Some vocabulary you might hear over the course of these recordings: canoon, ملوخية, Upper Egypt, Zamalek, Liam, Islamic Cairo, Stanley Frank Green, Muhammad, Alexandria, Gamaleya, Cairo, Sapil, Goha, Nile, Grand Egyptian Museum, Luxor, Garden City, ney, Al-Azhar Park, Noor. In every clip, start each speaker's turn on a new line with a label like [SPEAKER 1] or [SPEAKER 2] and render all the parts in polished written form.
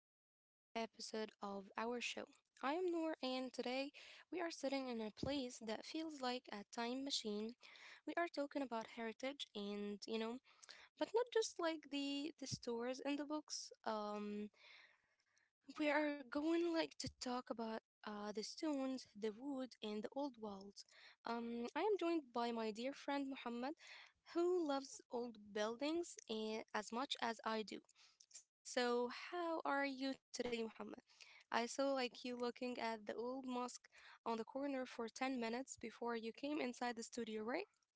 [SPEAKER 1] very special episode of our show. I am Noor, and today we are sitting in a place that feels like a time machine. We are talking about heritage and but not just like the stores and the books. We are going like to talk about the stones, the wood, and the old walls. I am joined by my dear friend Muhammad, who loves old buildings as much as I do. So, how are you today, Muhammad? I saw like you looking at the old mosque on the corner for 10 minutes before you came inside the studio, right?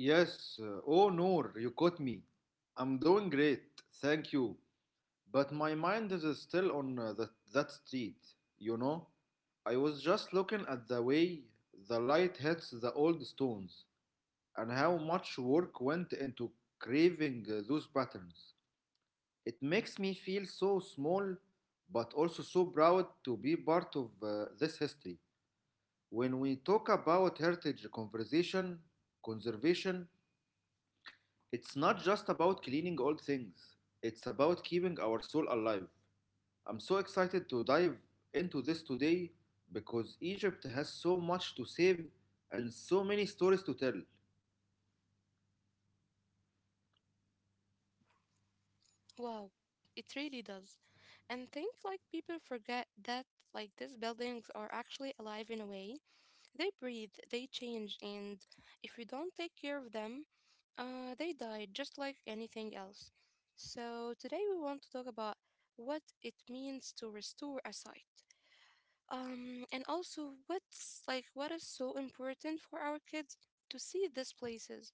[SPEAKER 2] Yes, oh Noor, you caught me. I'm doing great, thank you. But my mind is still on that street, you know? I was just looking at the way the light hits the old stones and how much work went into craving those patterns. It makes me feel so small, but also so proud to be part of this history. When we talk about conservation, it's not just about cleaning old things, it's about keeping our soul alive. I'm so excited to dive into this today because Egypt has so much to save and so many stories to tell.
[SPEAKER 1] Wow, it really does. And think like people forget that like these buildings are actually alive in a way. They breathe, they change, and if you don't take care of them, they died just like anything else. So today we want to talk about what it means to restore a site. And also what's like what is so important for our kids to see these places.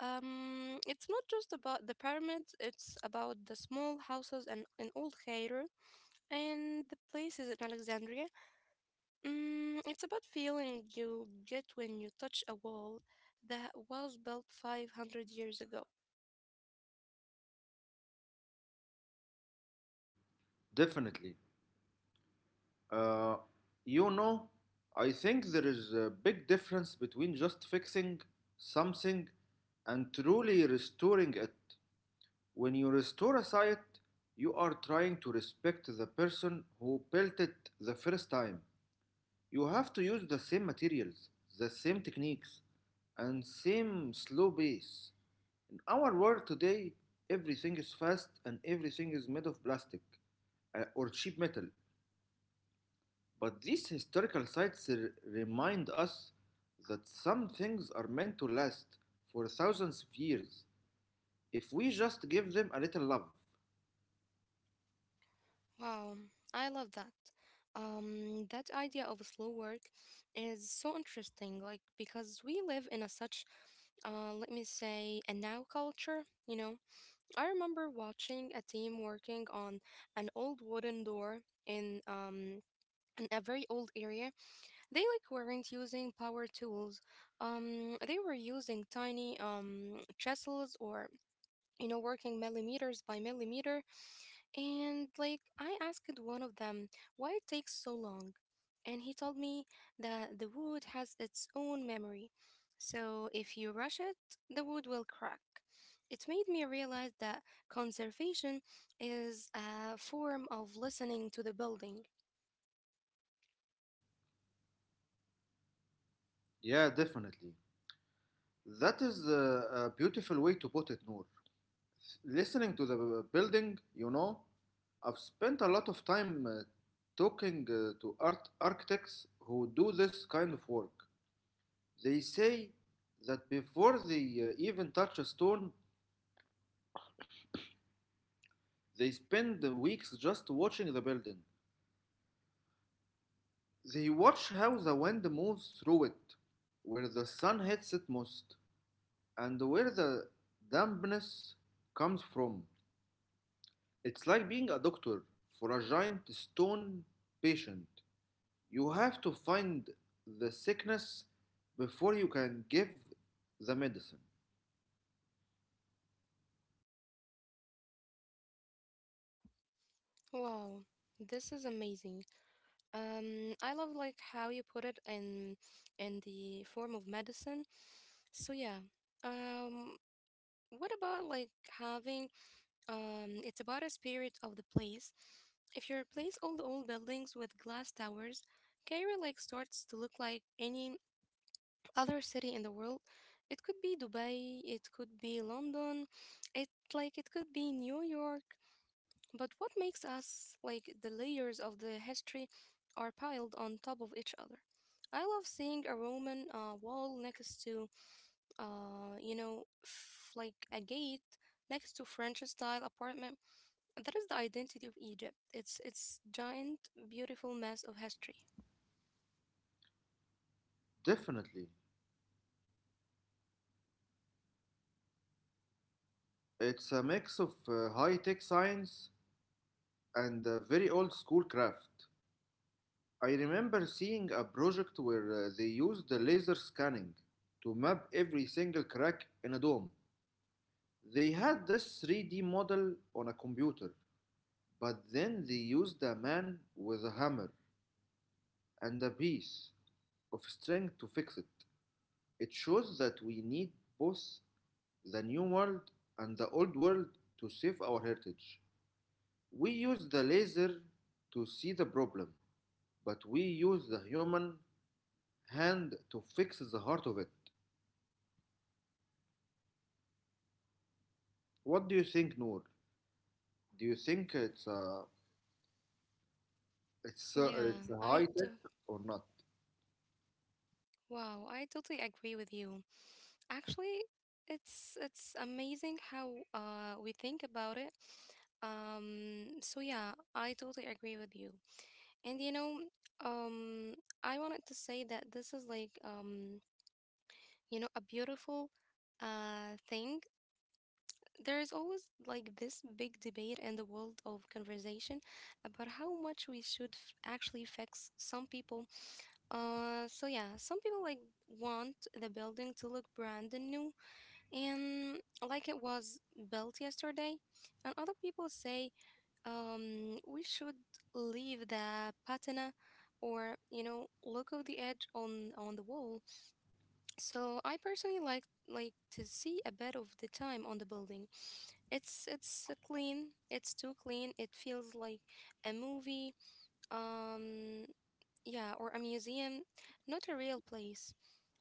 [SPEAKER 1] It's not just about the pyramids, it's about the small houses and in Old Cairo and the places in Alexandria. Mm, it's about feeling you get when you touch a wall that was built 500 years ago.
[SPEAKER 2] Definitely. Uh, you know, I think there is a big difference between just fixing something and truly restoring it. When you restore a site, you are trying to respect the person who built it the first time. You have to use the same materials, the same techniques, and same slow pace. In our world today, everything is fast and everything is made of plastic or cheap metal. But these historical sites remind us that some things are meant to last for thousands of years if we just give them a little love.
[SPEAKER 1] Wow, I love that. That idea of slow work is so interesting, like because we live in a such, let me say, a now culture. I remember watching a team working on an old wooden door in um in a very old area. They like weren't using power tools. They were using tiny chisels or working millimeters by millimeter, and like I asked one of them why it takes so long, and he told me that the wood has its own memory. So if you rush it, the wood will crack. It made me realize that conservation is a form of listening to the building.
[SPEAKER 2] Yeah, definitely. That is a beautiful way to put it, Noor. Listening to the building, you know, I've spent a lot of time talking to art architects who do this kind of work. They say that before they even touch a stone, they spend weeks just watching the building. They watch how the wind moves through it, where the sun hits it most, and where the dampness comes from. It's like being a doctor for a giant stone patient. You have to find the sickness before you can give the medicine.
[SPEAKER 1] Wow, this is amazing. I love like how you put it in the form of medicine. So yeah. Um what about like having it's about a spirit of the place. If you replace all the old buildings with glass towers, Cairo like starts to look like any other city in the world. It could be Dubai, it could be London, it like it could be New York. But what makes us like the layers of the history are piled on top of each other. I love seeing a Roman wall next to, like a gate next to French style apartment, that is the identity of Egypt. It's giant, beautiful mess of history.
[SPEAKER 2] Definitely. It's a mix of high tech science and very old school craft. I remember seeing a project where they used the laser scanning to map every single crack in a dome. They had this 3D model on a computer, but then they used a man with a hammer and a piece of string to fix it. It shows that we need both the new world and the old world to save our heritage. We use the laser to see the problem, but we use the human hand to fix the heart of it. What do you think, Noor? Do you think
[SPEAKER 1] Yeah,
[SPEAKER 2] it's
[SPEAKER 1] I
[SPEAKER 2] a high
[SPEAKER 1] to-
[SPEAKER 2] tech or not?
[SPEAKER 1] wow, I totally agree with you. Actually, it's amazing how we think about it. So yeah, I totally agree with you. And um, I wanted to say that this is like a beautiful thing. There is always like this big debate in the world of conversation about how much we should actually fix some people. So yeah, some people like want the building to look brand new and like it was built yesterday, and other people say we should leave the patina or look of the edge on the wall. So I personally like to see a bit of the time on the building. It's clean. It's too clean. It feels like a movie. Um, yeah, or a museum, not a real place.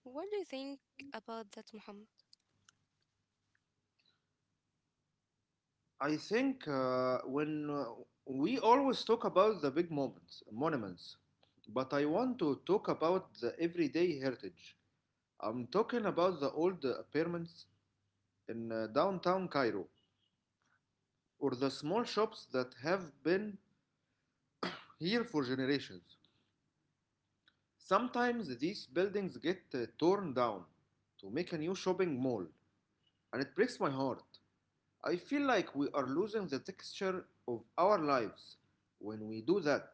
[SPEAKER 1] What do you think about that, Muhammad?
[SPEAKER 2] I think when we always talk about the big moments, monuments, but I want to talk about the everyday heritage. I'm talking about the old apartments in downtown Cairo, or the small shops that have been here for generations. Sometimes these buildings get torn down to make a new shopping mall, and it breaks my heart. I feel like we are losing the texture of our lives when we do that.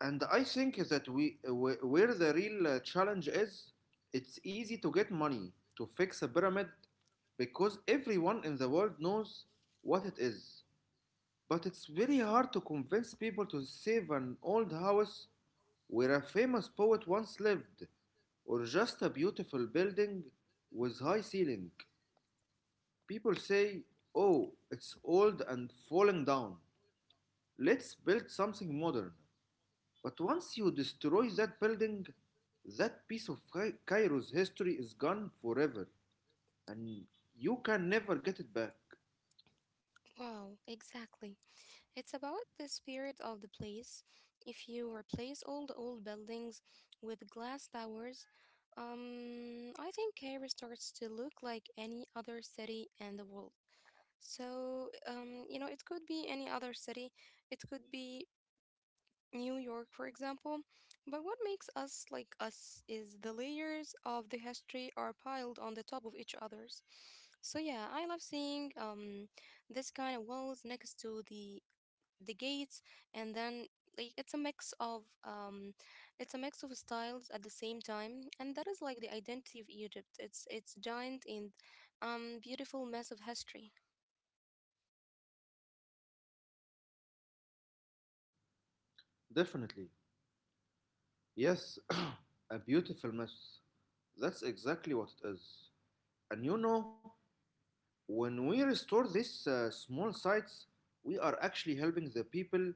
[SPEAKER 2] And I think that we where the real challenge is, it's easy to get money to fix a pyramid because everyone in the world knows what it is. But it's very hard to convince people to save an old house where a famous poet once lived, or just a beautiful building with high ceiling. People say, "Oh, it's old and falling down. Let's build something modern." But once you destroy that building, that piece of Cairo's history is gone forever, and you can never get it back.
[SPEAKER 1] Wow, exactly. It's about the spirit of the place. If you replace all the old buildings with glass towers, I think Cairo starts to look like any other city in the world. So, it could be any other city. It could be New York, for example. But what makes us like us is the layers of the history are piled on the top of each others. So yeah, I love seeing this kind of walls next to the gates, and then like it's a mix of styles at the same time, and that is like the identity of Egypt. It's giant and beautiful mess of history.
[SPEAKER 2] Definitely. Yes, a beautiful mess. That's exactly what it is. And you know, when we restore these small sites, we are actually helping the people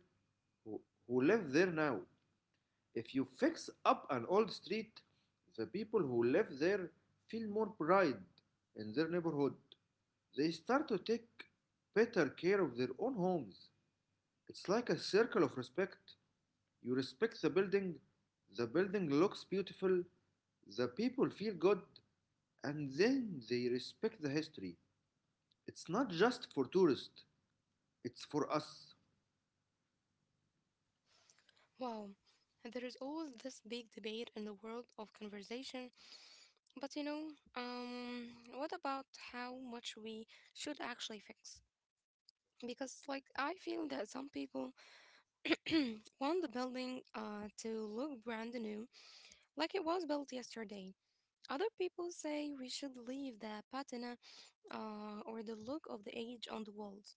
[SPEAKER 2] who, who live there now. If you fix up an old street, the people who live there feel more pride in their neighborhood. They start to take better care of their own homes. It's like a circle of respect. You respect the building looks beautiful, the people feel good, and then they respect the history. It's not just for tourists, it's for us.
[SPEAKER 1] Wow. And there is always this big debate in the world of conversation. But you know, um, what about how much we should actually fix? Because, like, I feel that some people want the building to look brand new, like it was built yesterday. Other people say we should leave the patina or the look of the age on the walls.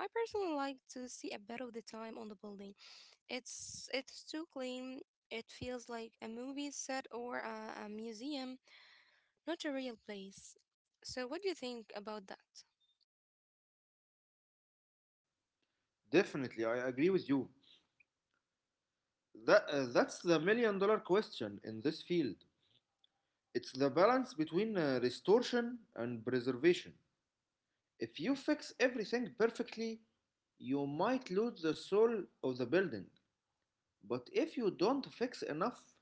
[SPEAKER 1] I personally like to see a bit of the time on the building. It's too clean. It feels like a movie set or a museum, not a real place. So, what do you think about that?
[SPEAKER 2] Definitely, I agree with you. That's the million-dollar question in this field. It's the balance between restoration and preservation. If you fix everything perfectly, you might lose the soul of the building. But if you don't fix enough,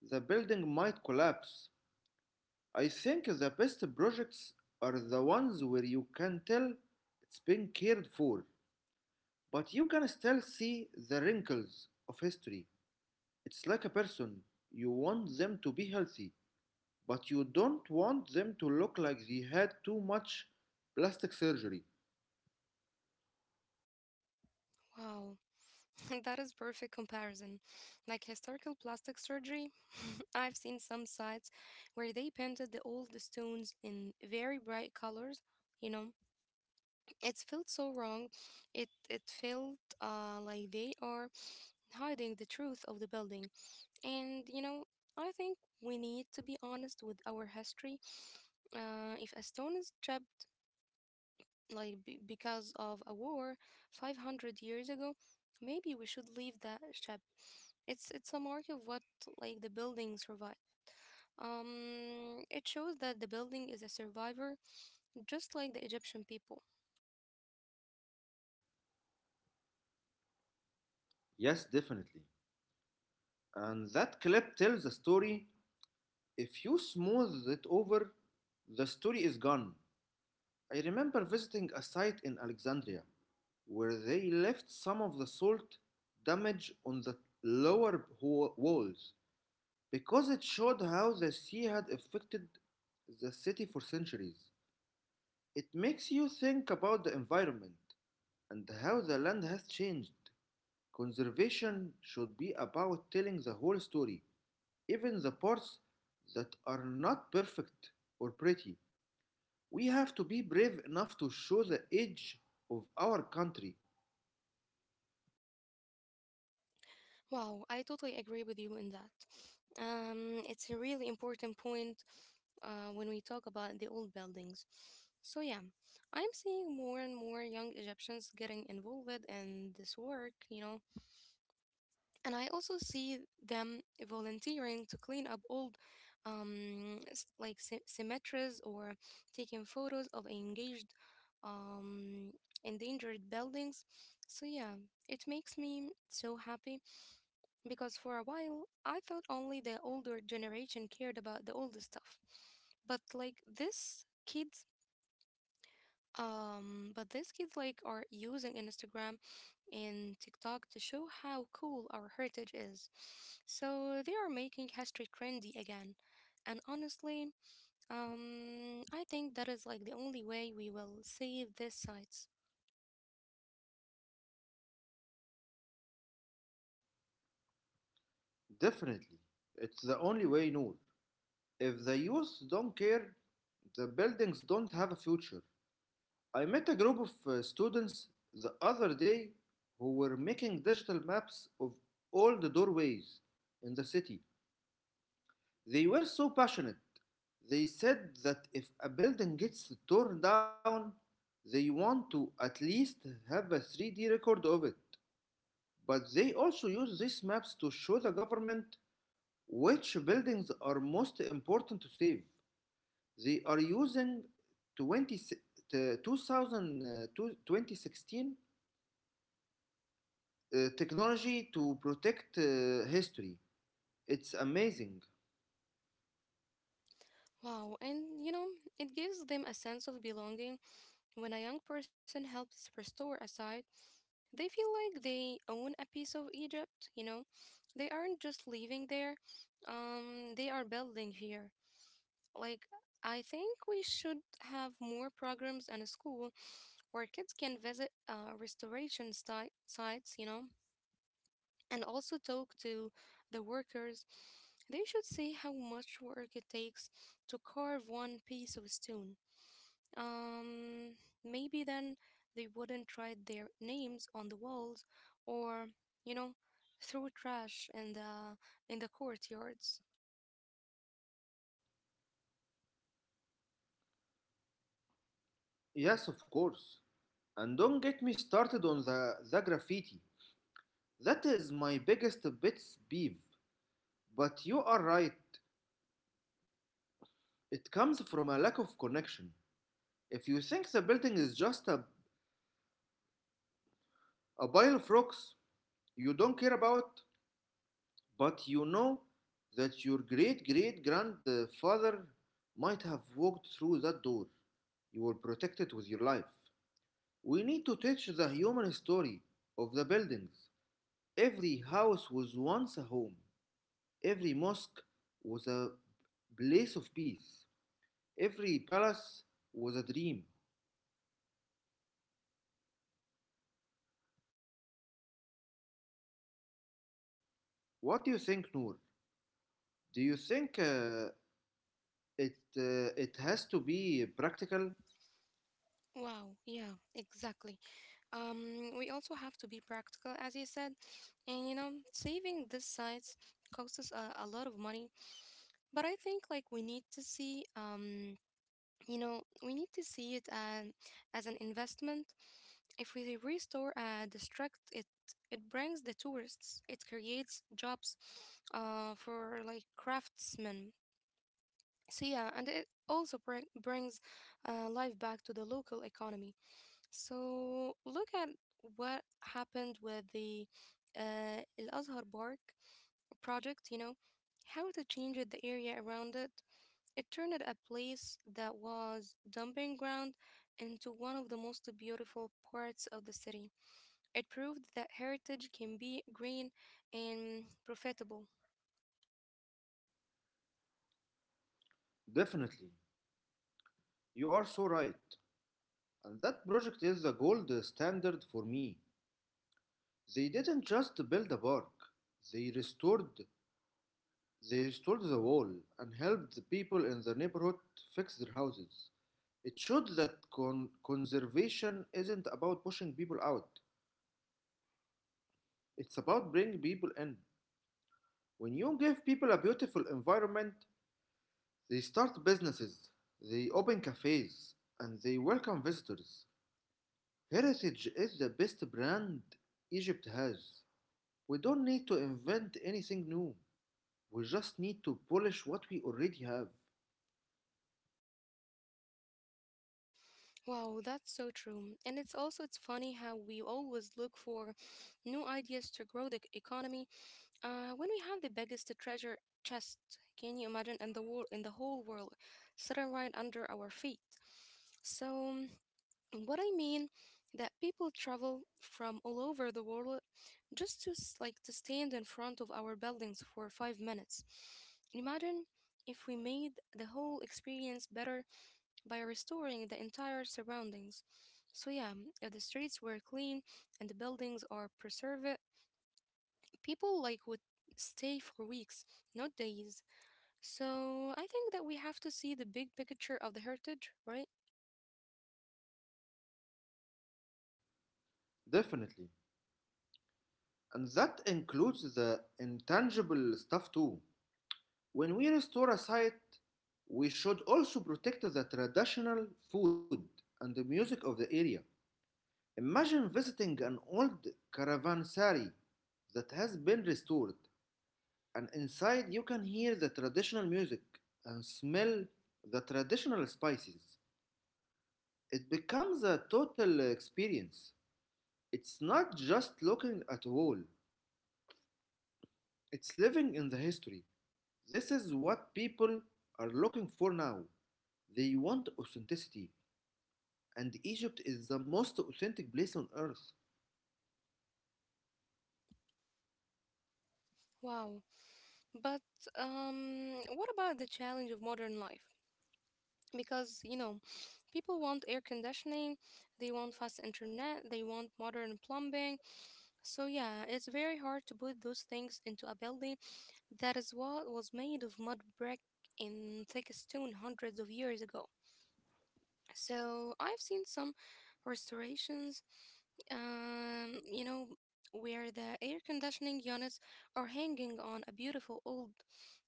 [SPEAKER 2] the building might collapse. I think the best projects are the ones where you can tell it's been cared for, but you can still see the wrinkles of history. It's like a person. You want them to be healthy, but you don't want them to look like they had too much plastic surgery.
[SPEAKER 1] Wow, that is perfect comparison. Like historical plastic surgery, I've seen some sites where they painted the old stones in very bright colors. You know, it felt so wrong. It felt like they are hiding the truth of the building. And you know, I think we need to be honest with our history. If a stone is chipped like because of a war 500 years ago, maybe we should leave that ship. It's a mark of what like the building survived. It shows that the building is a survivor, just like the Egyptian people.
[SPEAKER 2] Yes, definitely. And that clip tells a story. If you smooth it over, the story is gone. I remember visiting a site in Alexandria where they left some of the salt damage on the lower walls because it showed how the sea had affected the city for centuries. It makes you think about the environment and how the land has changed. Conservation should be about telling the whole story, even the parts that are not perfect or pretty. We have to be brave enough to show the edge of our country.
[SPEAKER 1] Wow, I totally agree with you in that. It's a really important point when we talk about the old buildings. So yeah, I'm seeing more and more young Egyptians getting involved in this work, you know. And I also see them volunteering to clean up old, like cemeteries, or taking photos of engaged, um, endangered buildings. So yeah, it makes me so happy because for a while I thought only the older generation cared about the older stuff, but like this kids but these kids like are using Instagram and TikTok to show how cool our heritage is. So they are making history trendy again. And honestly, I think that is like the only way we will save these sites.
[SPEAKER 2] Definitely. It's the only way, Noor. If the youth don't care, the buildings don't have a future. I met a group of students the other day who were making digital maps of all the doorways in the city. They were so passionate. They said that if a building gets torn down, they want to at least have a 3D record of it. But they also use these maps to show the government which buildings are most important to save. They are using 20, uh, 2000, uh, 2016 technology to protect history. It's amazing.
[SPEAKER 1] Wow, and you know, it gives them a sense of belonging. When a young person helps restore a site, they feel like they own a piece of Egypt, you know? They aren't just living there, they are building here. Like, I think we should have more programs in a school where kids can visit sites, you know, and also talk to the workers. They should see how much work it takes to carve one piece of stone. Um, Maybe then they wouldn't write their names on the walls or, you know, throw trash in the courtyards.
[SPEAKER 2] Yes, of course. And don't get me started on the graffiti. That is my biggest pet peeve. But you are right. It comes from a lack of connection. If you think the building is just a pile of rocks you don't care about, but you know that your great great grandfather might have walked through that door, you will protect it with your life. We need to teach the human story of the buildings. Every house was once a home, every mosque was a place of peace. Every palace was a dream. What do you think, Noor? Do you think it has to be practical?
[SPEAKER 1] Wow, yeah, exactly. We also have to be practical, as you said, and you know, saving these sites costs us a lot of money. But I think like we need to see, we need to see it as an investment. If we restore the it it brings the tourists. It creates jobs, for like craftsmen. So yeah, and it also brings life back to the local economy. So look at what happened with the Al-Azhar Park project, you know, how to change it, the area around it. It turned a place that was dumping ground into one of the most beautiful parts of the city. It proved that heritage can be green and profitable.
[SPEAKER 2] Definitely. You are so right. And that project is the gold standard for me. They didn't just build a park. They restored they restored the wall and helped the people in the neighborhood fix their houses. It showed that conservation isn't about pushing people out. It's about bringing people in. When you give people a beautiful environment, they start businesses, they open cafes, and they welcome visitors. Heritage is the best brand Egypt has. We don't need to invent anything new. We just need to polish what we already have.
[SPEAKER 1] Wow, that's so true. And it's also it's funny how we always look for new ideas to grow the economy when we have the biggest treasure chest, can you imagine, in the world, in the whole world, sitting right under our feet? So, mm, what I mean that people travel from all over the world just like to stand in front of our buildings for 5 minutes. Imagine if we made the whole experience better by restoring the entire surroundings. So yeah, mm, if the streets were clean and the buildings are preserved, people like would stay for weeks, not days. So I think that we have to see the big picture of the heritage, right?
[SPEAKER 2] Definitely. And that includes the intangible stuff too. When we restore a site, we should also protect the traditional food and the music of the area. Imagine visiting an old caravanserai that has been restored, and inside you can hear the traditional music and smell the traditional spices. It becomes a total experience. It's not just looking at a wall, it's living in the history. This is what people are looking for now. They want authenticity, and Egypt is the most authentic place on earth.
[SPEAKER 1] Wow. But what about the challenge of modern life? Because, you know, people want air conditioning, they want fast internet, they want modern plumbing. So, yeah, it's very hard to put those things into a building that is what was made of mud brick in thick stone hundreds of years ago. So I've seen some restorations, um, you know, where the air conditioning units are hanging on a beautiful old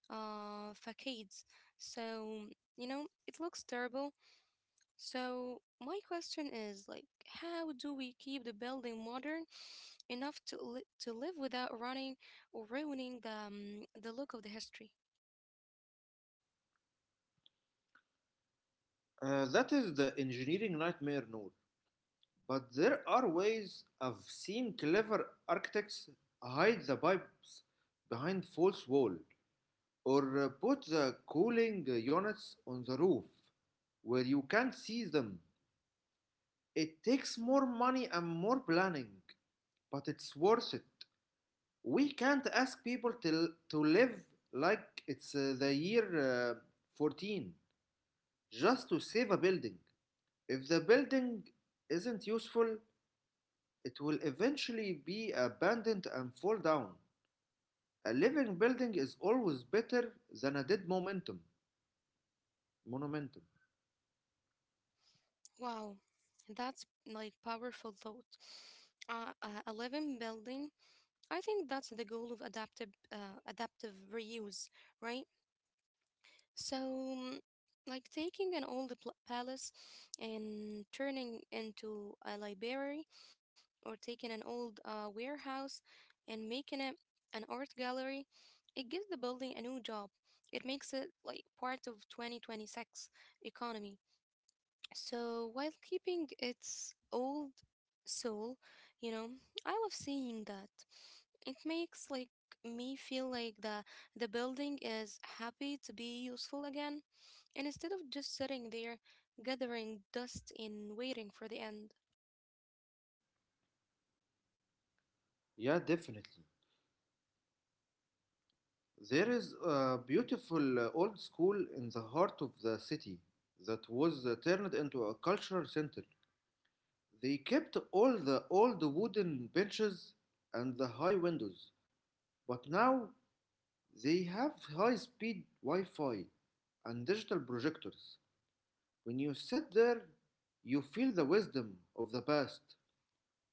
[SPEAKER 1] facades. So, you know, it looks terrible. So my question is like, how do we keep the building modern enough to live without running or ruining the look of the history?
[SPEAKER 2] That is the engineering nightmare, Noor. But there are ways I've seen clever architects hide the pipes behind false wall or put the cooling units on the roof where you can't see them. It takes more money and more planning, but it's worth it. We can't ask people to live like it's the year 14 just to save a building. If the building isn't useful, it will eventually be abandoned and fall down. A living building is always better than a dead momentum. Monumentum.
[SPEAKER 1] Wow, that's like powerful thought. A living building, I think that's the goal of adaptive reuse, right? So, like taking an old palace and turning into a library, or taking an old warehouse and making it an art gallery, it gives the building a new job. It makes it like part of 2026 economy. So while keeping its old soul, you know, I love seeing that. It makes like me feel like the building is happy to be useful again, and instead of just sitting there gathering dust and waiting for the end.
[SPEAKER 2] Yeah, definitely. There is a beautiful old school in the heart of the city that was turned into a cultural center. They kept all the old wooden benches and the high windows, but now they have high speed Wi Fi and digital projectors. When you sit there, you feel the wisdom of the past,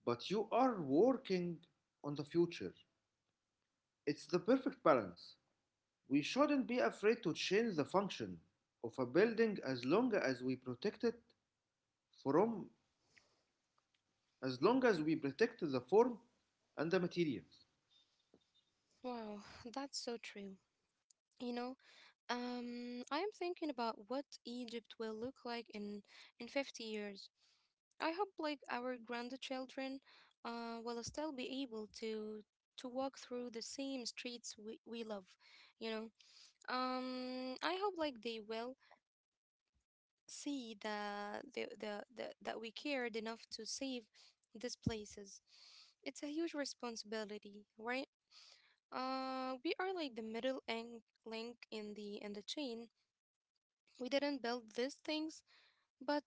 [SPEAKER 2] but you are working on the future. It's the perfect balance. We shouldn't be afraid to change the function of a building as long as we protect it from, as long as we protect the form and the materials.
[SPEAKER 1] Wow, that's so true. You know, I am thinking about what Egypt will look like in 50 years. I hope like our grandchildren will still be able to walk through the same streets we love, you know. I hope like they will see the that we cared enough to save these places. It's a huge responsibility, right? We are like the middle link in the chain. We didn't build these things, but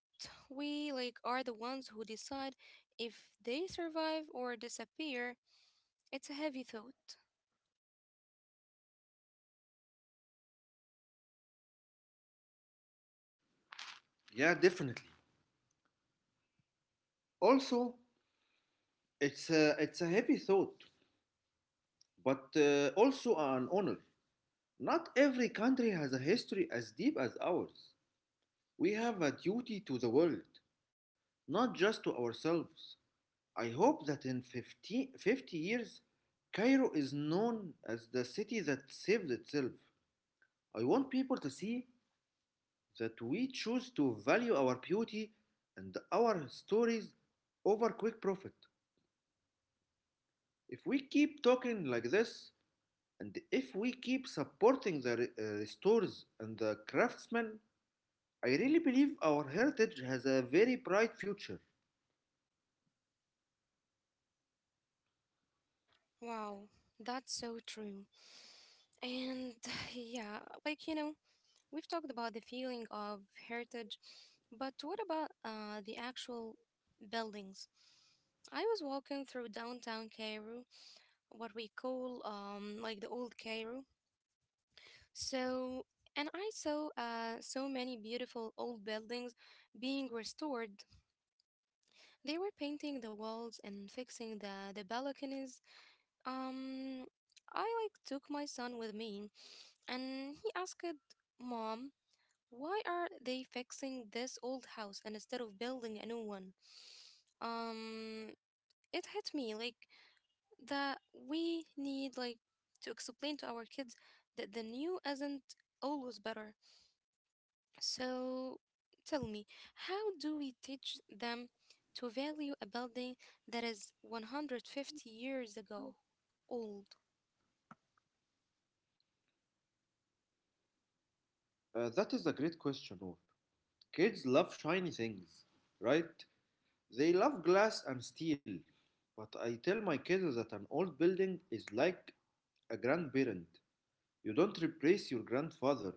[SPEAKER 1] we like are the ones who decide if they survive or disappear. It's a heavy thought.
[SPEAKER 2] Yeah, definitely. Also, it's it's a heavy thought, but also an honor. Not every country has a history as deep as ours. We have a duty to the world, not just to ourselves. I hope that in fifty years, Cairo is known as the city that saved itself. I want people to see that we choose to value our beauty and our stories over quick profit. If we keep talking like this, and if we keep supporting the stores and the craftsmen, I really believe our heritage has a very bright future.
[SPEAKER 1] Wow, that's so true. And yeah, like you know, we've talked about the feeling of heritage, but what about the actual buildings? I was walking through downtown Cairo, what we call like the old Cairo, So, and I saw so many beautiful old buildings being restored. They were painting the walls and fixing the balconies. Um, I like took my son with me and he asked, "Mom, why are they fixing this old house and instead of building a new one?" Um, it hit me like that we need like to explain to our kids that the new isn't always better. So tell me, how do we teach them to value a building that is 150 years ago old?
[SPEAKER 2] That is a great question, Noor. Kids love shiny things, right? They love glass and steel. But I tell my kids that an old building is like a grandparent. You don't replace your grandfather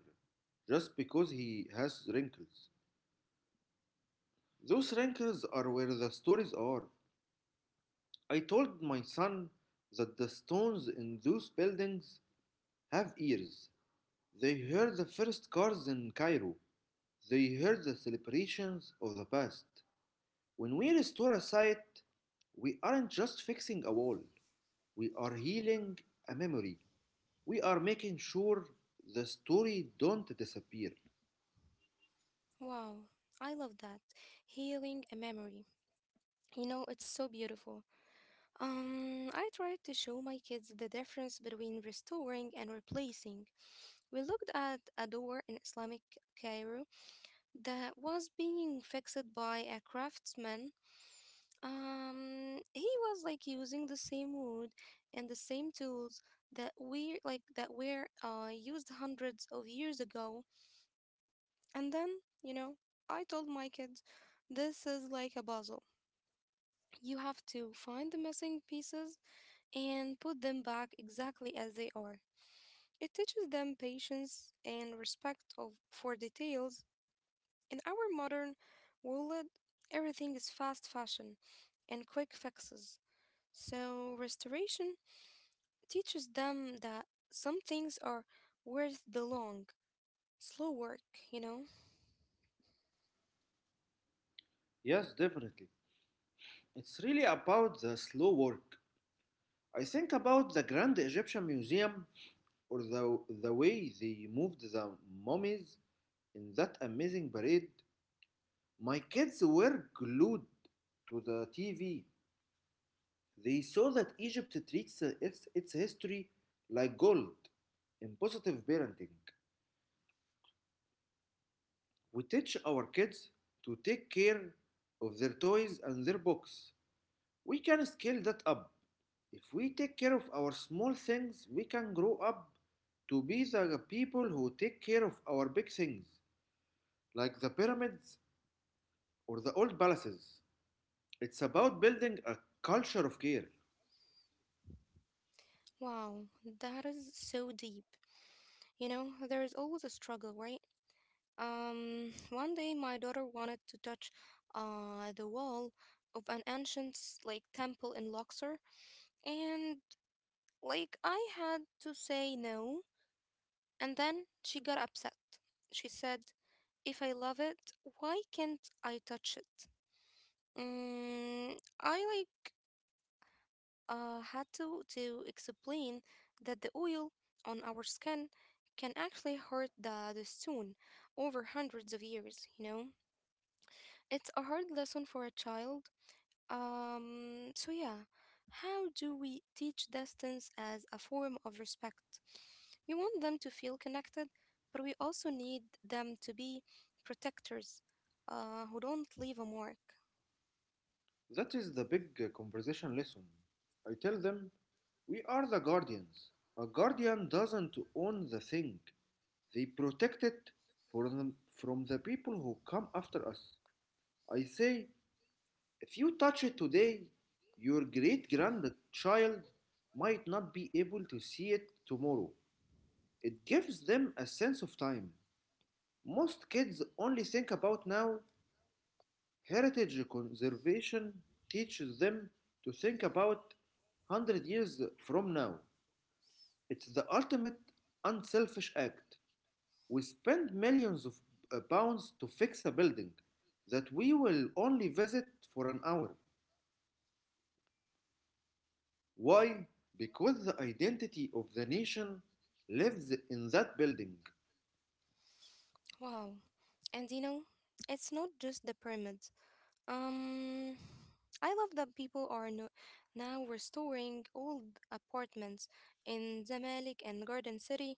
[SPEAKER 2] just because he has wrinkles. Those wrinkles are where the stories are. I told my son that the stones in those buildings have ears. They heard the first cars in Cairo. They heard the celebrations of the past. When we restore a site, we aren't just fixing a wall, we are healing a memory. We are making sure the story don't disappear.
[SPEAKER 1] Wow, I love that. Healing a memory. You know, it's so beautiful. I tried to show my kids the difference between restoring and replacing. We looked at a door in Islamic Cairo that was being fixed by a craftsman. He was like using the same wood and the same tools that we like that were used hundreds of years ago. And then, you know, I told my kids, this is like a puzzle. You have to find the missing pieces and put them back exactly as they are. It teaches them patience and respect of for details. In our modern world, everything is fast fashion and quick fixes. So restoration teaches them that some things are worth the long, slow work, you know?
[SPEAKER 2] Yes, definitely. It's really about the slow work. I think about the Grand Egyptian Museum or the way they moved the mummies in that amazing parade. My kids were glued to the TV. They saw that Egypt treats its history like gold in positive parenting. We teach our kids to take care of their toys and their books. We can scale that up. If we take care of our small things, we can grow up to be the people who take care of our big things, like the pyramids or the old palaces. It's about building a culture of care.
[SPEAKER 1] Wow, that is so deep. You know, there is always a struggle, right? One day my daughter wanted to touch the wall of an ancient temple in Luxor, and like I had to say no, and then she got upset. She said, "If I love it, why can't I touch it?" I like had to explain that the oil on our skin can actually hurt the stone over hundreds of years, you know? It's a hard lesson for a child. Yeah, how do we teach distance as a form of respect? We want them to feel connected, but we also need them to be protectors who don't leave a mark.
[SPEAKER 2] That is the big conversation lesson. I tell them, we are the guardians. A guardian doesn't own the thing, they protect it from the people who come after us. I say, if you touch it today, your great grandchild might not be able to see it tomorrow. It gives them a sense of time. Most kids only think about now. Heritage conservation teaches them to think about 100 years from now. It's the ultimate unselfish act. We spend millions of pounds to fix a building that we will only visit for an hour. Why? Because the identity of the nation lives in that building.
[SPEAKER 1] Wow. And you know, it's not just the pyramid. Um, I love that people are now restoring old apartments in Zamalek and Garden City.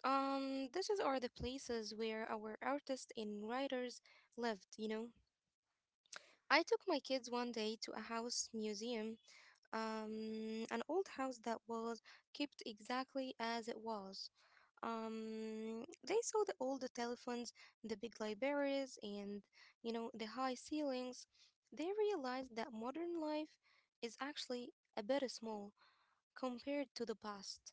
[SPEAKER 1] These are the places where our artists and writers lived, you know. I took my kids one day to a house museum, an old house that was kept exactly as it was. They saw the old telephones, the big libraries, and you know the high ceilings. They realized that modern life is actually a bit small compared to the past.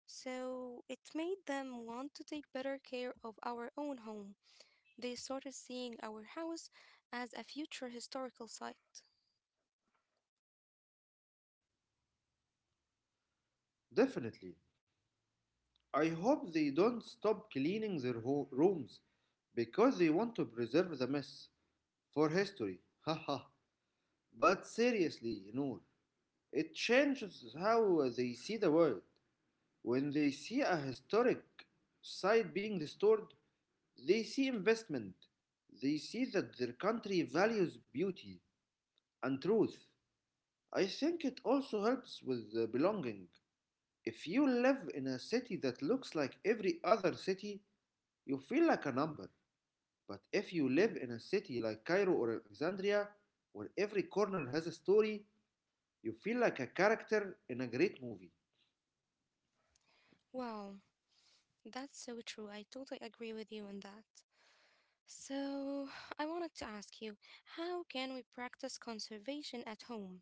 [SPEAKER 1] So it made them want to take better care of our own home. They started seeing our house as a future historical site.
[SPEAKER 2] Definitely. I hope they don't stop cleaning their rooms because they want to preserve the mess for history. Haha. But seriously, Noor, it changes how they see the world. When they see a historic site being restored, they see investment. They see that their country values beauty and truth. I think it also helps with the belonging. If you live in a city that looks like every other city, you feel like a number. But if you live in a city like Cairo or Alexandria, where every corner has a story, you feel like a character in a great movie.
[SPEAKER 1] Wow, that's so true. I totally agree with you on that. So, I wanted to ask you, how can we practice conservation at home?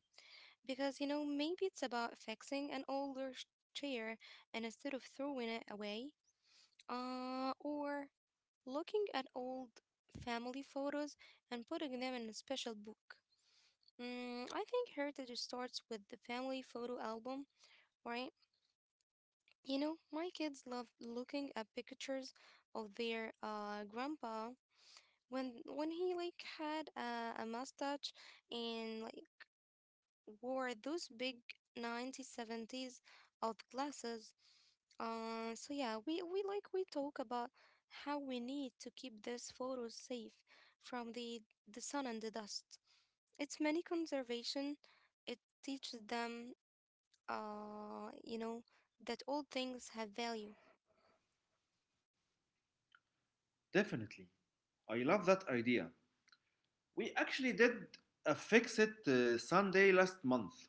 [SPEAKER 1] Because, you know, maybe it's about fixing an older chair and instead of throwing it away, or looking at old family photos and putting them in a special book. I think heritage starts with the family photo album, right? You know, my kids love looking at pictures of their grandpa when he like had a mustache and like wore those big 90s 70s glasses. So yeah, we talk about how we need to keep these photos safe from the sun and the dust. It's many conservation. It teaches them, you know, that all things have value.
[SPEAKER 2] Definitely. I love that idea. We actually did a Fix It Sunday last month.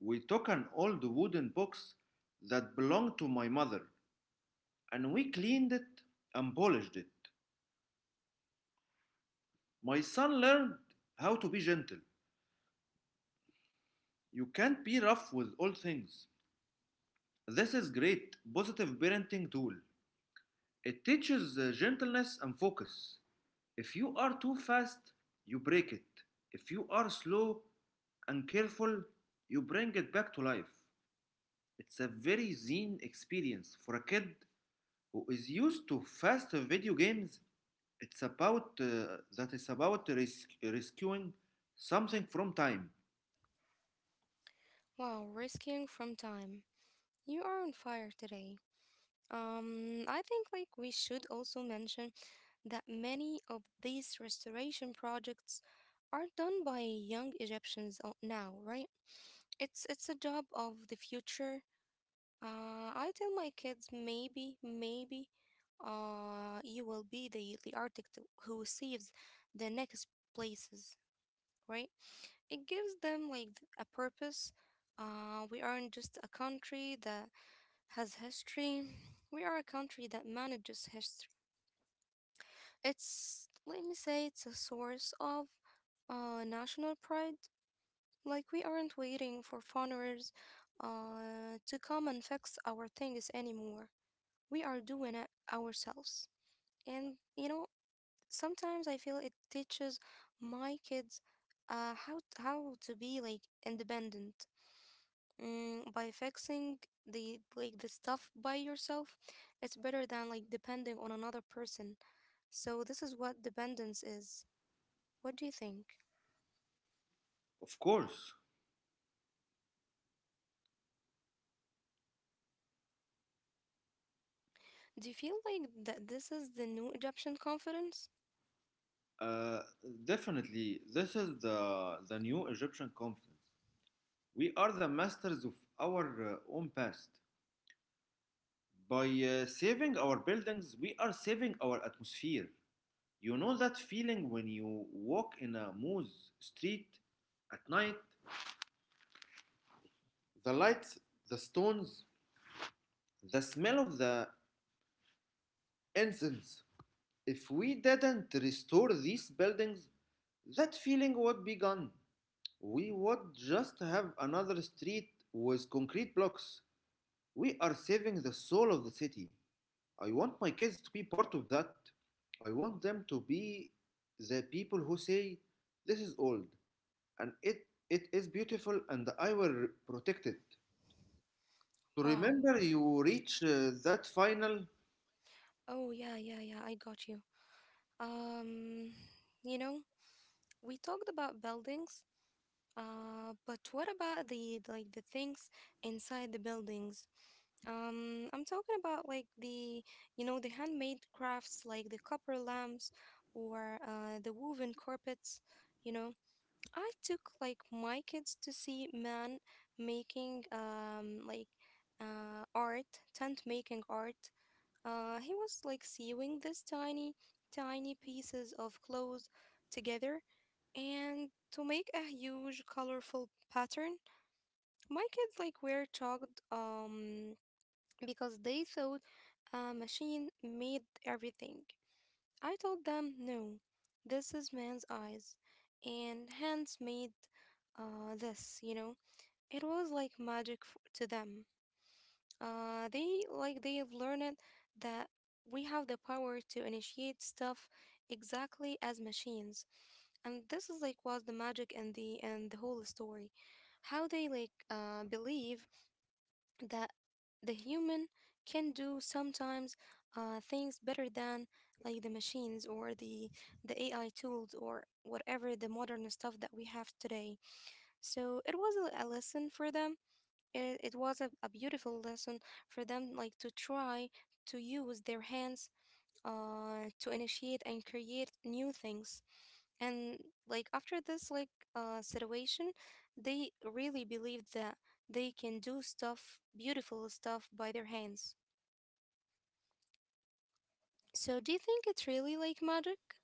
[SPEAKER 2] We took an old wooden box that belonged to my mother and we cleaned it and polished it. My son learned how to be gentle. You can't be rough with all things. This is great positive parenting tool. It teaches gentleness and focus. If you are too fast, you break it. If you are slow and careful, you bring it back to life. It's a very zen experience for a kid who is used to fast video games. It's about that is about res- rescuing something from time.
[SPEAKER 1] Wow, rescuing from time. You are on fire today. I think like we should also mention that many of these restoration projects are done by young Egyptians now, right? It's a job of the future. I tell my kids, maybe, you will be the architect who saves the next places, right? It gives them like a purpose. We aren't just a country that has history. We are a country that manages history. It's, let me say, it's a source of national pride. Like, we aren't waiting for foreigners to come and fix our things anymore. We are doing it ourselves. And, you know, sometimes I feel it teaches my kids how to be, like, independent. By fixing the stuff by yourself, it's better than like depending on another person. So this is what dependence is. What do you think?
[SPEAKER 2] Of course,
[SPEAKER 1] Do you feel like that this is the new Egyptian confidence?
[SPEAKER 2] uh, definitely, this is the new Egyptian confidence. We are the masters of our own past. By saving our buildings, we are saving our atmosphere. You know that feeling when you walk in a mose street at night? The lights, the stones, the smell of the incense. If we didn't restore these buildings, that feeling would be gone. We would just have another street with concrete blocks. We are saving the soul of the city. I want my kids to be part of that. I want them to be the people who say, this is old and it is beautiful and I will protect it. To
[SPEAKER 1] Wow.
[SPEAKER 2] remember you reach that final?
[SPEAKER 1] Oh, yeah, yeah, yeah, I got you. Um, you know, we talked about buildings, but what about the things inside the buildings? I'm talking about like you know, the handmade crafts like the copper lamps or the woven carpets. You know, I took like my kids to see man making art, tent making art. He was like sewing these tiny, tiny pieces of clothes together and to make a huge colorful pattern. My kids like were shocked because they thought a machine made everything. I told them, no, this is man's eyes, and hands made this, you know. It was like magic to them. They have learned that we have the power to initiate stuff exactly as machines, and this is like was the magic and the whole story how they like believe that the human can do sometimes things better than like the machines or the AI tools or whatever the modern stuff that we have today. So it was a lesson for them. It was a beautiful lesson for them, like to try to use their hands to initiate and create new things. And like after this situation, they really believed that they can do stuff, beautiful stuff by their hands. So do you think it's really like magic?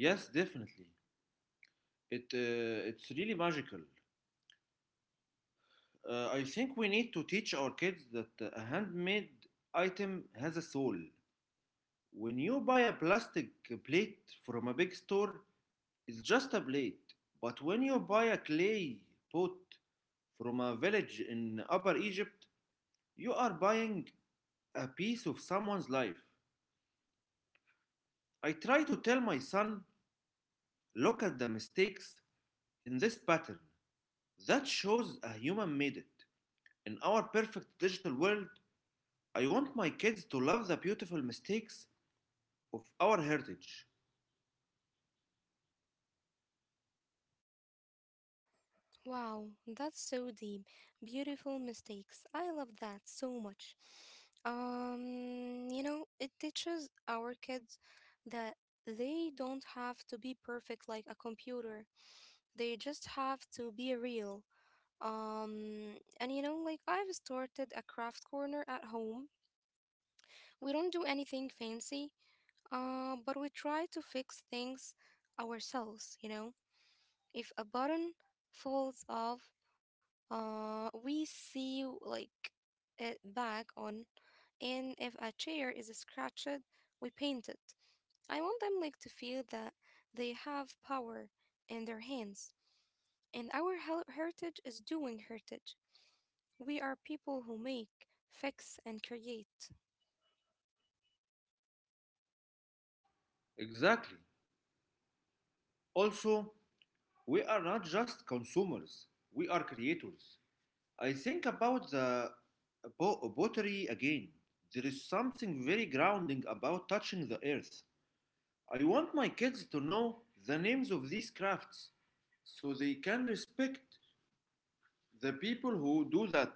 [SPEAKER 2] Yes, definitely. It, it's really magical. I think we need to teach our kids that a handmade item has a soul. When you buy a plastic plate from a big store, it's just a blade. But when you buy a clay pot from a village in Upper Egypt, you are buying a piece of someone's life. I try to tell my son, look at the mistakes in this pattern. That shows a human made it. In our perfect digital world, I want my kids to love the beautiful mistakes of our heritage.
[SPEAKER 1] Wow, that's so deep. Beautiful mistakes. I love that so much. You know, it teaches our kids that they don't have to be perfect like a computer. They just have to be real. And you know, like I've started a craft corner at home. We don't do anything fancy, but we try to fix things ourselves, you know. If a button falls off, we see like it back on, and if a chair is scratched, we paint it. I want them like to feel that they have power in their hands. And our heritage is doing heritage. We are people who make, fix, and create.
[SPEAKER 2] Exactly. Also, we are not just consumers, we are creators. I think about the pottery again. There is something very grounding about touching the earth. I want my kids to know the names of these crafts so they can respect the people who do that.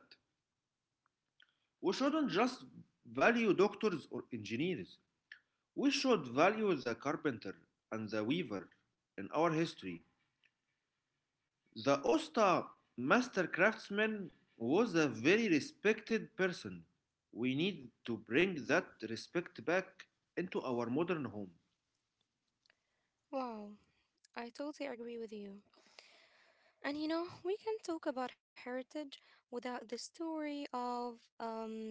[SPEAKER 2] We shouldn't just value doctors or engineers. We should value the carpenter and the weaver in our history. The Osta master craftsman was a very respected person. We need to bring that respect back into our modern home.
[SPEAKER 1] Wow, I totally agree with you. And you know, we can talk about heritage without the story of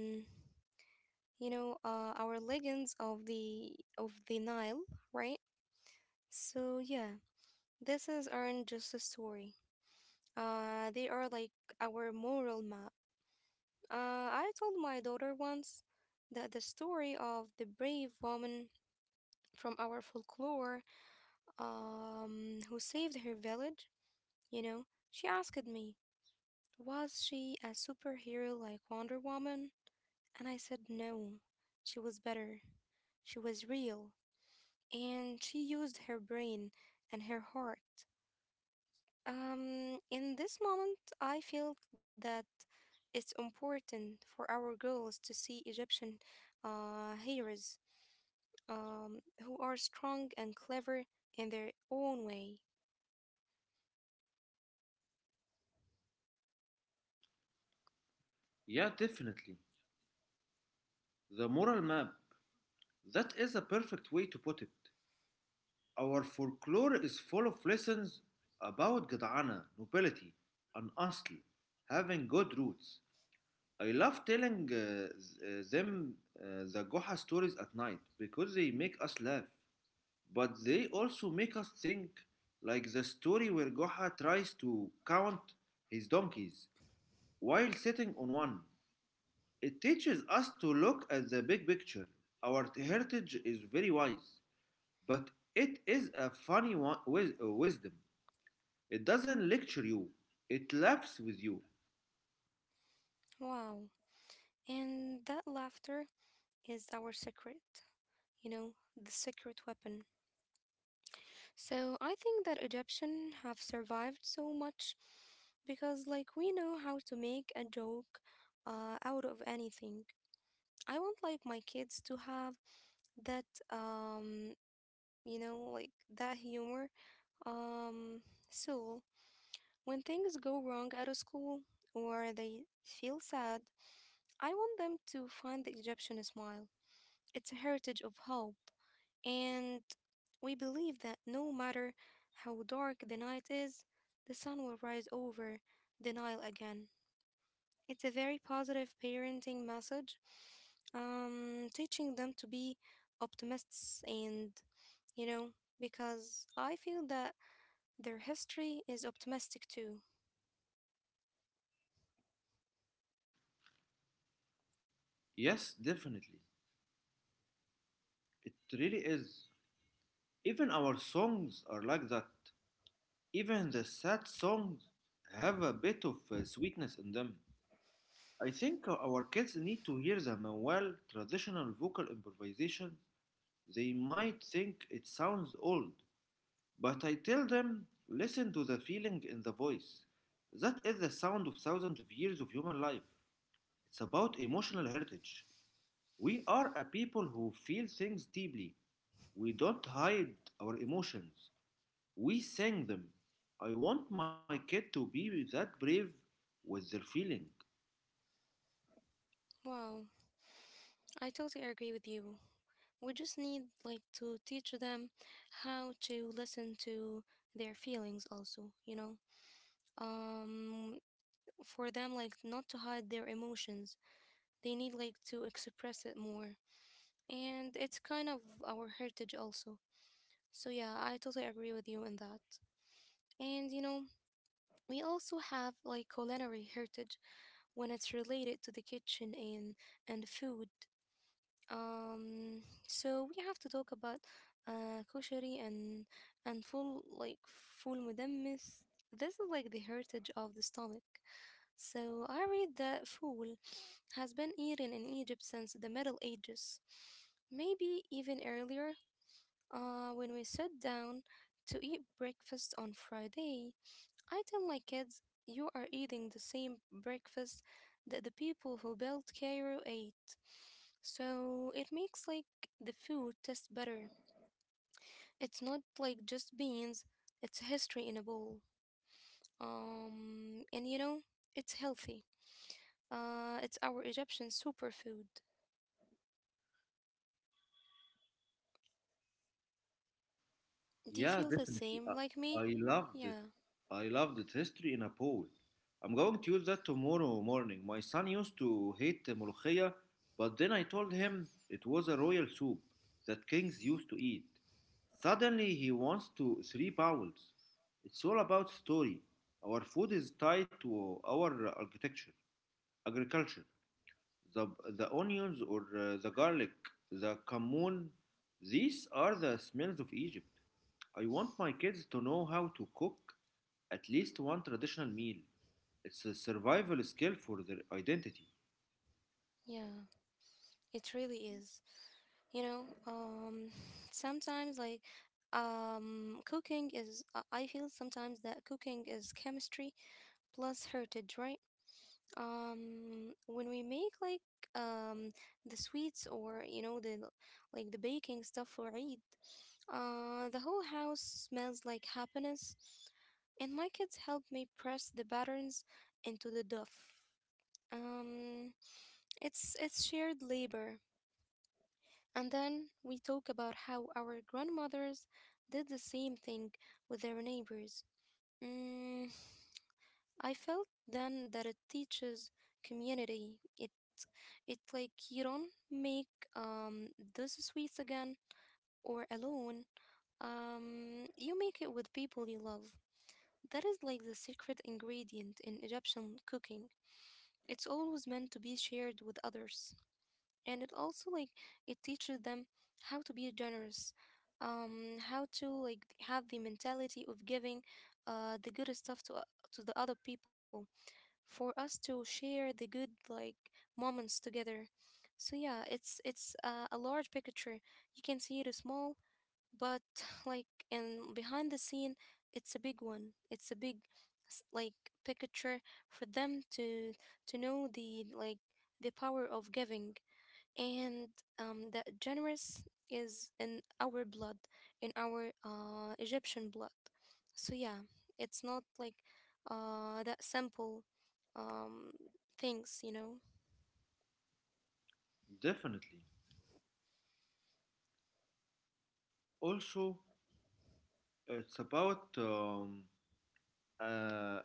[SPEAKER 1] you know, our legends of the Nile, right? So yeah, this is aren't just a story. They are like our moral map. I told my daughter once that the story of the brave woman from our folklore, who saved her village, you know, she asked me, "Was she a superhero like Wonder Woman?" And I said, "No. She was better. She was real. And she used her brain and her heart." In this moment, I felt that it's important for our girls to see Egyptian heroes who are strong and clever in their own way.
[SPEAKER 2] Yeah, definitely. The moral map. That is a perfect way to put it. Our folklore is full of lessons about Gadana, nobility, and asl, having good roots. I love telling them the Goha stories at night because they make us laugh, but they also make us think, like the story where Goha tries to count his donkeys while sitting on one. It teaches us to look at the big picture. Our heritage is very wise, but it is a funny one with wisdom. It doesn't lecture you, it laughs with you.
[SPEAKER 1] Wow. And that laughter is our secret, you know, the secret weapon. So I think that Egyptians have survived so much because like we know how to make a joke out of anything. I want like my kids to have that um like that humor um soul. When things go wrong at a school or they feel sad, I want them to find the Egyptian smile. It's a heritage of hope, and we believe that no matter how dark the night is, the sun will rise over the Nile again. It's a very positive parenting message, teaching them to be optimists and, you know, because I feel that their history is optimistic too.
[SPEAKER 2] Yes, definitely. It really is. Even our songs are like that. Even the sad songs have a bit of sweetness in them. I think our kids need to hear the Manuel traditional vocal improvisation, they might think it sounds old. But I tell them, listen to the feeling in the voice. That is the sound of thousands of years of human life. It's about emotional heritage. We are a people who feel things deeply. We don't hide our emotions, we sing them. I want my kid to be that brave with their feeling.
[SPEAKER 1] Wow. I totally agree with you. We just need like to teach them how to listen to their feelings also. Um for them like not to hide their emotions. They need like to express it more. And it's kind of our heritage also. So yeah, I totally agree with you in that. And you know, we also have like culinary heritage when it's related to the kitchen and food. Um, so we have to talk about koshery and full like full mudammis. This is like the heritage of the stomach. So I read that fool has been eaten in Egypt since the Middle Ages, maybe even earlier. When we sat down to eat breakfast on Friday, I tell my kids, you are eating the same breakfast that the people who built Cairo ate. So it makes like the food taste better. It's not like just beans, it's history in a bowl. And you know, it's healthy. It's our Egyptian superfood. Do you
[SPEAKER 2] Yeah,
[SPEAKER 1] feel the
[SPEAKER 2] definitely.
[SPEAKER 1] same like me?
[SPEAKER 2] I loved it.
[SPEAKER 1] Yeah.
[SPEAKER 2] I loved it. History in a bowl. I'm going to use that tomorrow morning. My son used to hate the ملوخية, but then I told him it was a royal soup that kings used to eat. Suddenly he wants to three bowls. It's all about story. Our food is tied to our architecture, agriculture. The, the onions or the garlic, the cumin, these are the smells of Egypt. I want my kids to know how to cook at least one traditional meal. It's a survival skill for their identity,
[SPEAKER 1] Yeah. It really is. You know, sometimes like cooking is I feel sometimes that cooking is chemistry plus heritage, right? When we make like um the sweets, or you know the like the baking stuff for eid, the whole house smells like happiness, and my kids help me press the patterns into the dough. um it's shared labor, and then we talk about how our grandmothers did the same thing with their neighbors. Mm, I felt then that it teaches community. It like you don't make those sweets again or alone. You make it with people you love. That is like the secret ingredient in Egyptian cooking. It's always meant to be shared with others. And it also like it teaches them how to be generous, how to like have the mentality of giving the good stuff to to the other people, for us to share the good like moments together. So yeah, it's a large picture. You can see it is small, but like and behind the scene it's a big one, it's a big like picture for them to know the like the power of giving. And the generous is in our blood, in our Egyptian blood. So yeah, it's not like that simple um, things, you know.
[SPEAKER 2] definitely. Also, it's about uh,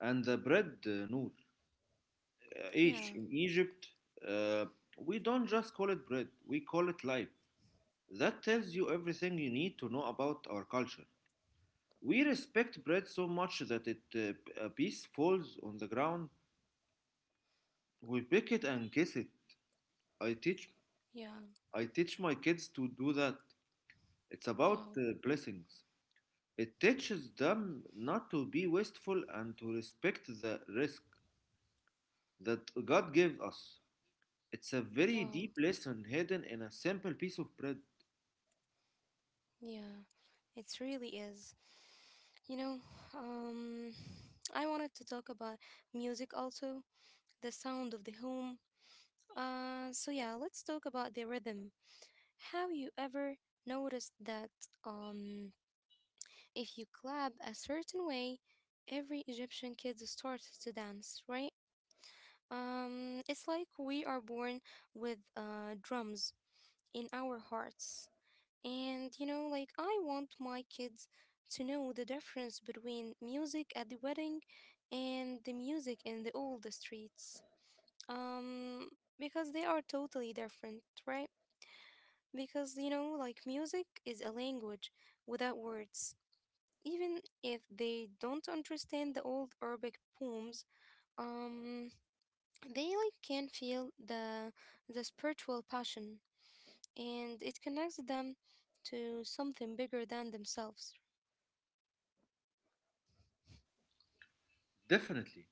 [SPEAKER 2] and the bread, Noor.
[SPEAKER 1] Yeah,
[SPEAKER 2] Ish, in Egypt, uh, we don't just call it bread, we call it life. That tells you everything you need to know about our culture. We respect bread so much that it, a piece falls on the ground, we pick it and kiss it. I teach
[SPEAKER 1] yeah.
[SPEAKER 2] I teach my kids to do that. It's about
[SPEAKER 1] Wow,
[SPEAKER 2] blessings. It teaches them not to be wasteful and to respect the risk that God gave us. It's a very
[SPEAKER 1] wow.
[SPEAKER 2] deep lesson hidden in a simple piece of bread.
[SPEAKER 1] Yeah, it really is. You know, um, I wanted to talk about music also, the sound of the home. So yeah, let's talk about the rhythm. Have you ever noticed that? Um, If you clap a certain way, every Egyptian kid starts to dance, right? It's like we are born with drums in our hearts. And you know, like I want my kids to know the difference between music at the wedding and the music in the old streets. Um, because they are totally different, right? Because you know, like music is a language without words, even if they don't understand the old Arabic poems, um, they like can feel the spiritual passion, and it connects them to something bigger than themselves.
[SPEAKER 2] Definitely.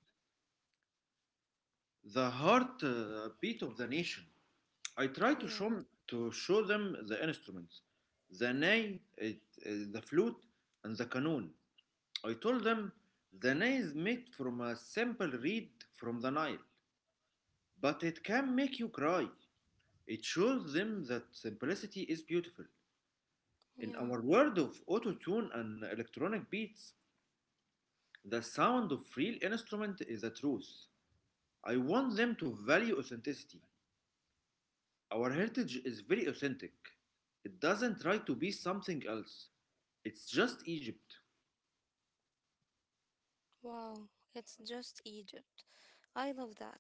[SPEAKER 2] The heart beat of the nation. I try
[SPEAKER 1] Yeah,
[SPEAKER 2] to show them the instruments, the ney, the flute, and the canoon. I told them the ney is made from a simple reed from the Nile. But it can make you cry. It shows them that simplicity is beautiful. In
[SPEAKER 1] yeah.
[SPEAKER 2] our world of auto tune and electronic beats, the sound of real instrument is a truth. I want them to value authenticity. Our heritage is very authentic. It doesn't try to be something else. It's just Egypt.
[SPEAKER 1] Wow, it's just Egypt. I love that.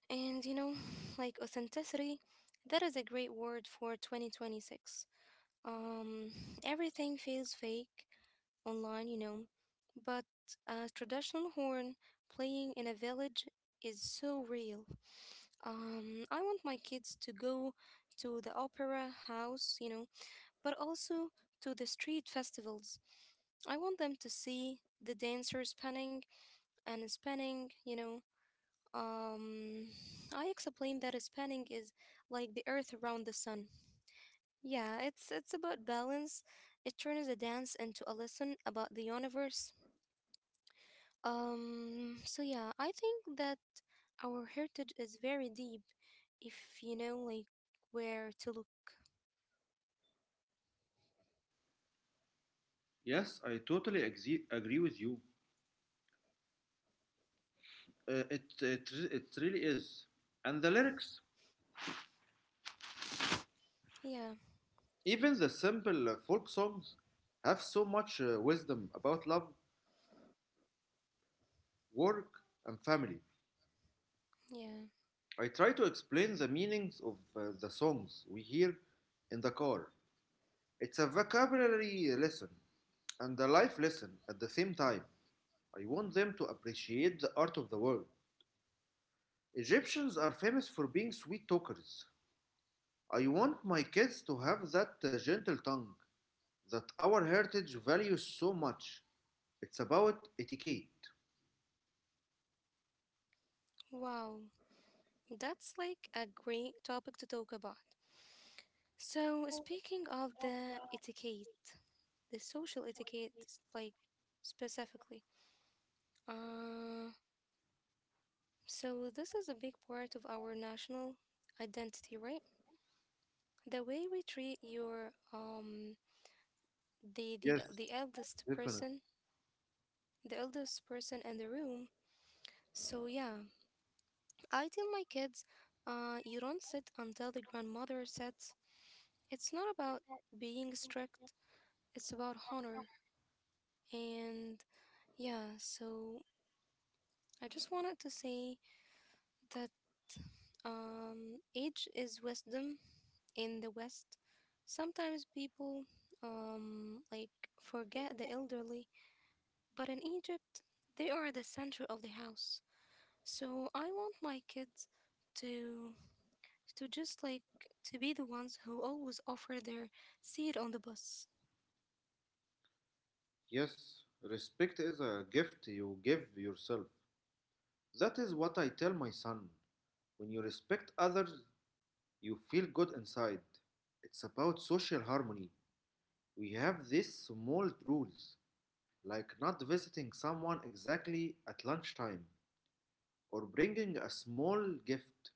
[SPEAKER 1] And you know, like authenticity, that is a great word for 2026. Um, everything feels fake online, you know, but a traditional horn playing in a village is so real. I want my kids to go to the opera house, you know, but also to the street festivals. I want them to see the dancers spinning and spinning, you know. Um, I explain that spinning is like the earth around the sun. Yeah, it's about balance. It turns a dance into a lesson about the universe. So yeah, I think that our heritage is very deep if you know like where to look.
[SPEAKER 2] Yes, I totally agree with you. It really is. And the lyrics?
[SPEAKER 1] Yeah,
[SPEAKER 2] Even the simple folk songs have so much wisdom about love, work, and family.
[SPEAKER 1] yeah.
[SPEAKER 2] I try to explain the meanings of the songs we hear in the car. It's a vocabulary lesson and a life lesson at the same time. I want them to appreciate the art of the world. Egyptians are famous for being sweet talkers. I want my kids to have that gentle tongue that our heritage values so much. It's about etiquette.
[SPEAKER 1] Wow. That's like a great topic to talk about. So, speaking of the etiquette, the social etiquette like specifically. Uh, so this is a big part of our national identity, right? The way we treat your the
[SPEAKER 2] Yes,
[SPEAKER 1] the eldest
[SPEAKER 2] definitely.
[SPEAKER 1] person, the eldest person in the room. So yeah, I tell my kids, you don't sit until the grandmother sits. It's not about being strict, it's about honor. And yeah, so I just wanted to say that age is wisdom. In the west, sometimes people like forget the elderly. But in Egypt, they are the center of the house. So I want my kids to to just like to be the ones who always offer their seat on the bus.
[SPEAKER 2] Yes, respect is a gift you give yourself. That is what I tell my son. When you respect others, you feel good inside. It's about social harmony. We have these small rules, like not visiting someone exactly at lunchtime or bringing a small gift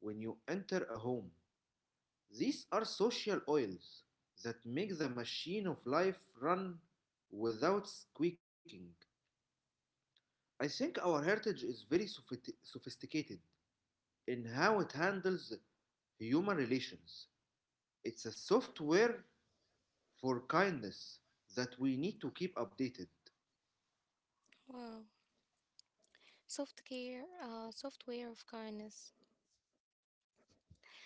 [SPEAKER 2] when you enter a home. These are social oils that make the machine of life run without squeaking. I think our heritage is very sophisticated in how it handles human relations. It's a software for kindness that we need to keep updated.
[SPEAKER 1] Wow. Soft care, software of kindness.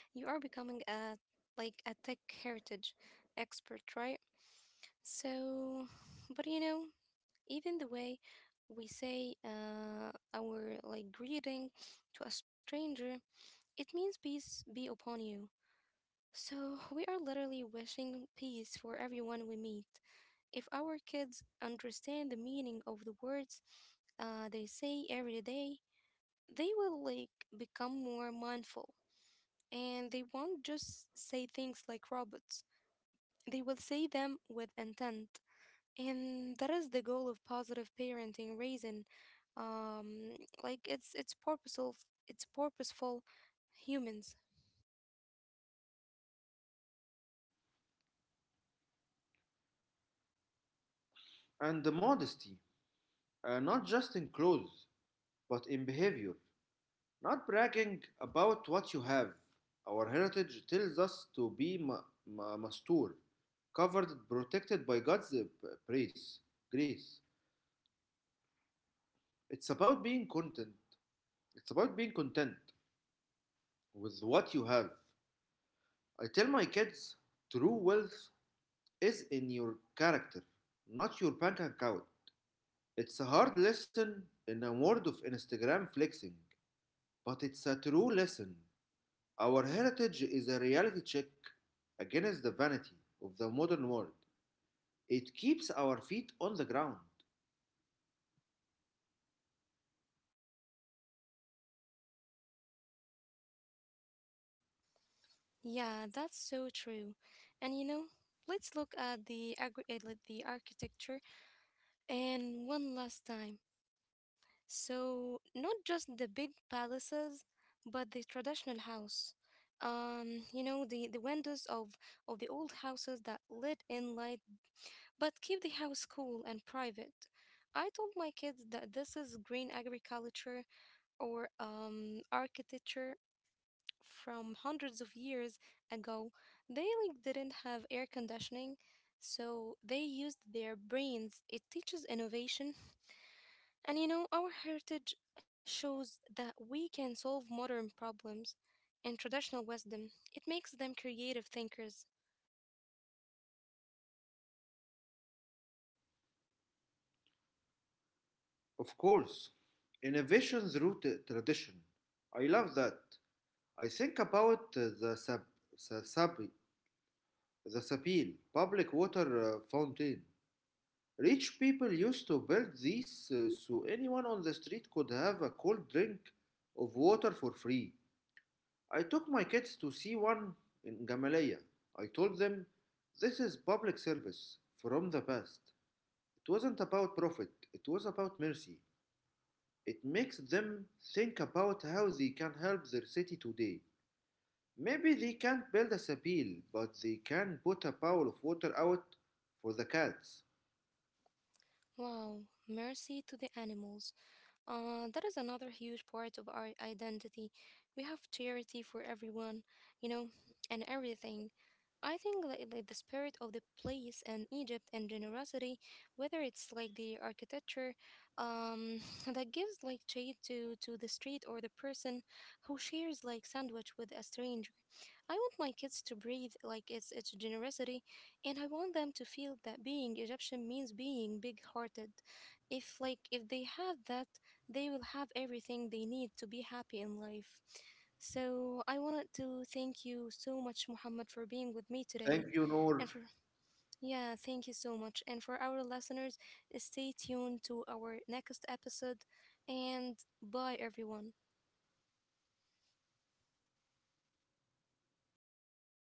[SPEAKER 1] You are becoming a like a tech heritage expert, right? So, but you know, even the way we say our like greeting to a stranger, it means peace be upon you. So, we are literally wishing peace for everyone we meet. If our kids understand the meaning of the words they say every day, they will like become more mindful, and they won't just say things like robots. They will say them with intent. And that is the goal of positive parenting raising. Um, like it's purposeful, it's purposeful humans.
[SPEAKER 2] And the modesty, not just in clothes, but in behavior. Not bragging about what you have. Our heritage tells us to be mastur, covered, and protected by God's praise, grace. It's about being content. It's about being content with what you have. I tell my kids true wealth is in your character, not your bank account. It's a hard lesson in a world of Instagram flexing, but it's a true lesson. Our heritage is a reality check against the vanity of the modern world. It keeps our feet on the ground.
[SPEAKER 1] Yeah, that's so true. And you know, let's look at the like the architecture and one last time. So, not just the big palaces, but the traditional house. You know, the windows of the old houses that let in light but keep the house cool and private. I told my kids that this is green agriculture or architecture from hundreds of years ago. They like didn't have air conditioning, so they used their brains. It teaches innovation, and you know, our heritage shows that we can solve modern problems and traditional wisdom. It makes them creative thinkers.
[SPEAKER 2] Of course, innovation through tradition. I love that. I think about the sab- sa- sabi- the Sapil public water fountain. Rich people used to build these so anyone on the street could have a cold drink of water for free. I took my kids to see one in Gamaleya. I told them, this is public service from the past. It wasn't about profit, it was about mercy. It makes them think about how they can help their city today. Maybe they can't build a sapil, but they can put a bowl of water out for the cats.
[SPEAKER 1] Wow, mercy to the animals. That is another huge part of our identity. We have charity for everyone, you know, and everything. I think like the spirit of the place and Egypt and generosity, whether it's like the architecture, um, that gives like shade to the street, or the person who shares like sandwich with a stranger. I want my kids to breathe like it's generosity, and I want them to feel that being Egyptian means being big-hearted. If like if they have that, they will have everything they need to be happy in life. So I wanted to thank you so much, Muhammad, for being with me today.
[SPEAKER 2] Thank you, Noor.
[SPEAKER 1] And for, yeah, thank you so much. And for our listeners, stay tuned to our next episode. And bye, everyone.
[SPEAKER 2] Bye.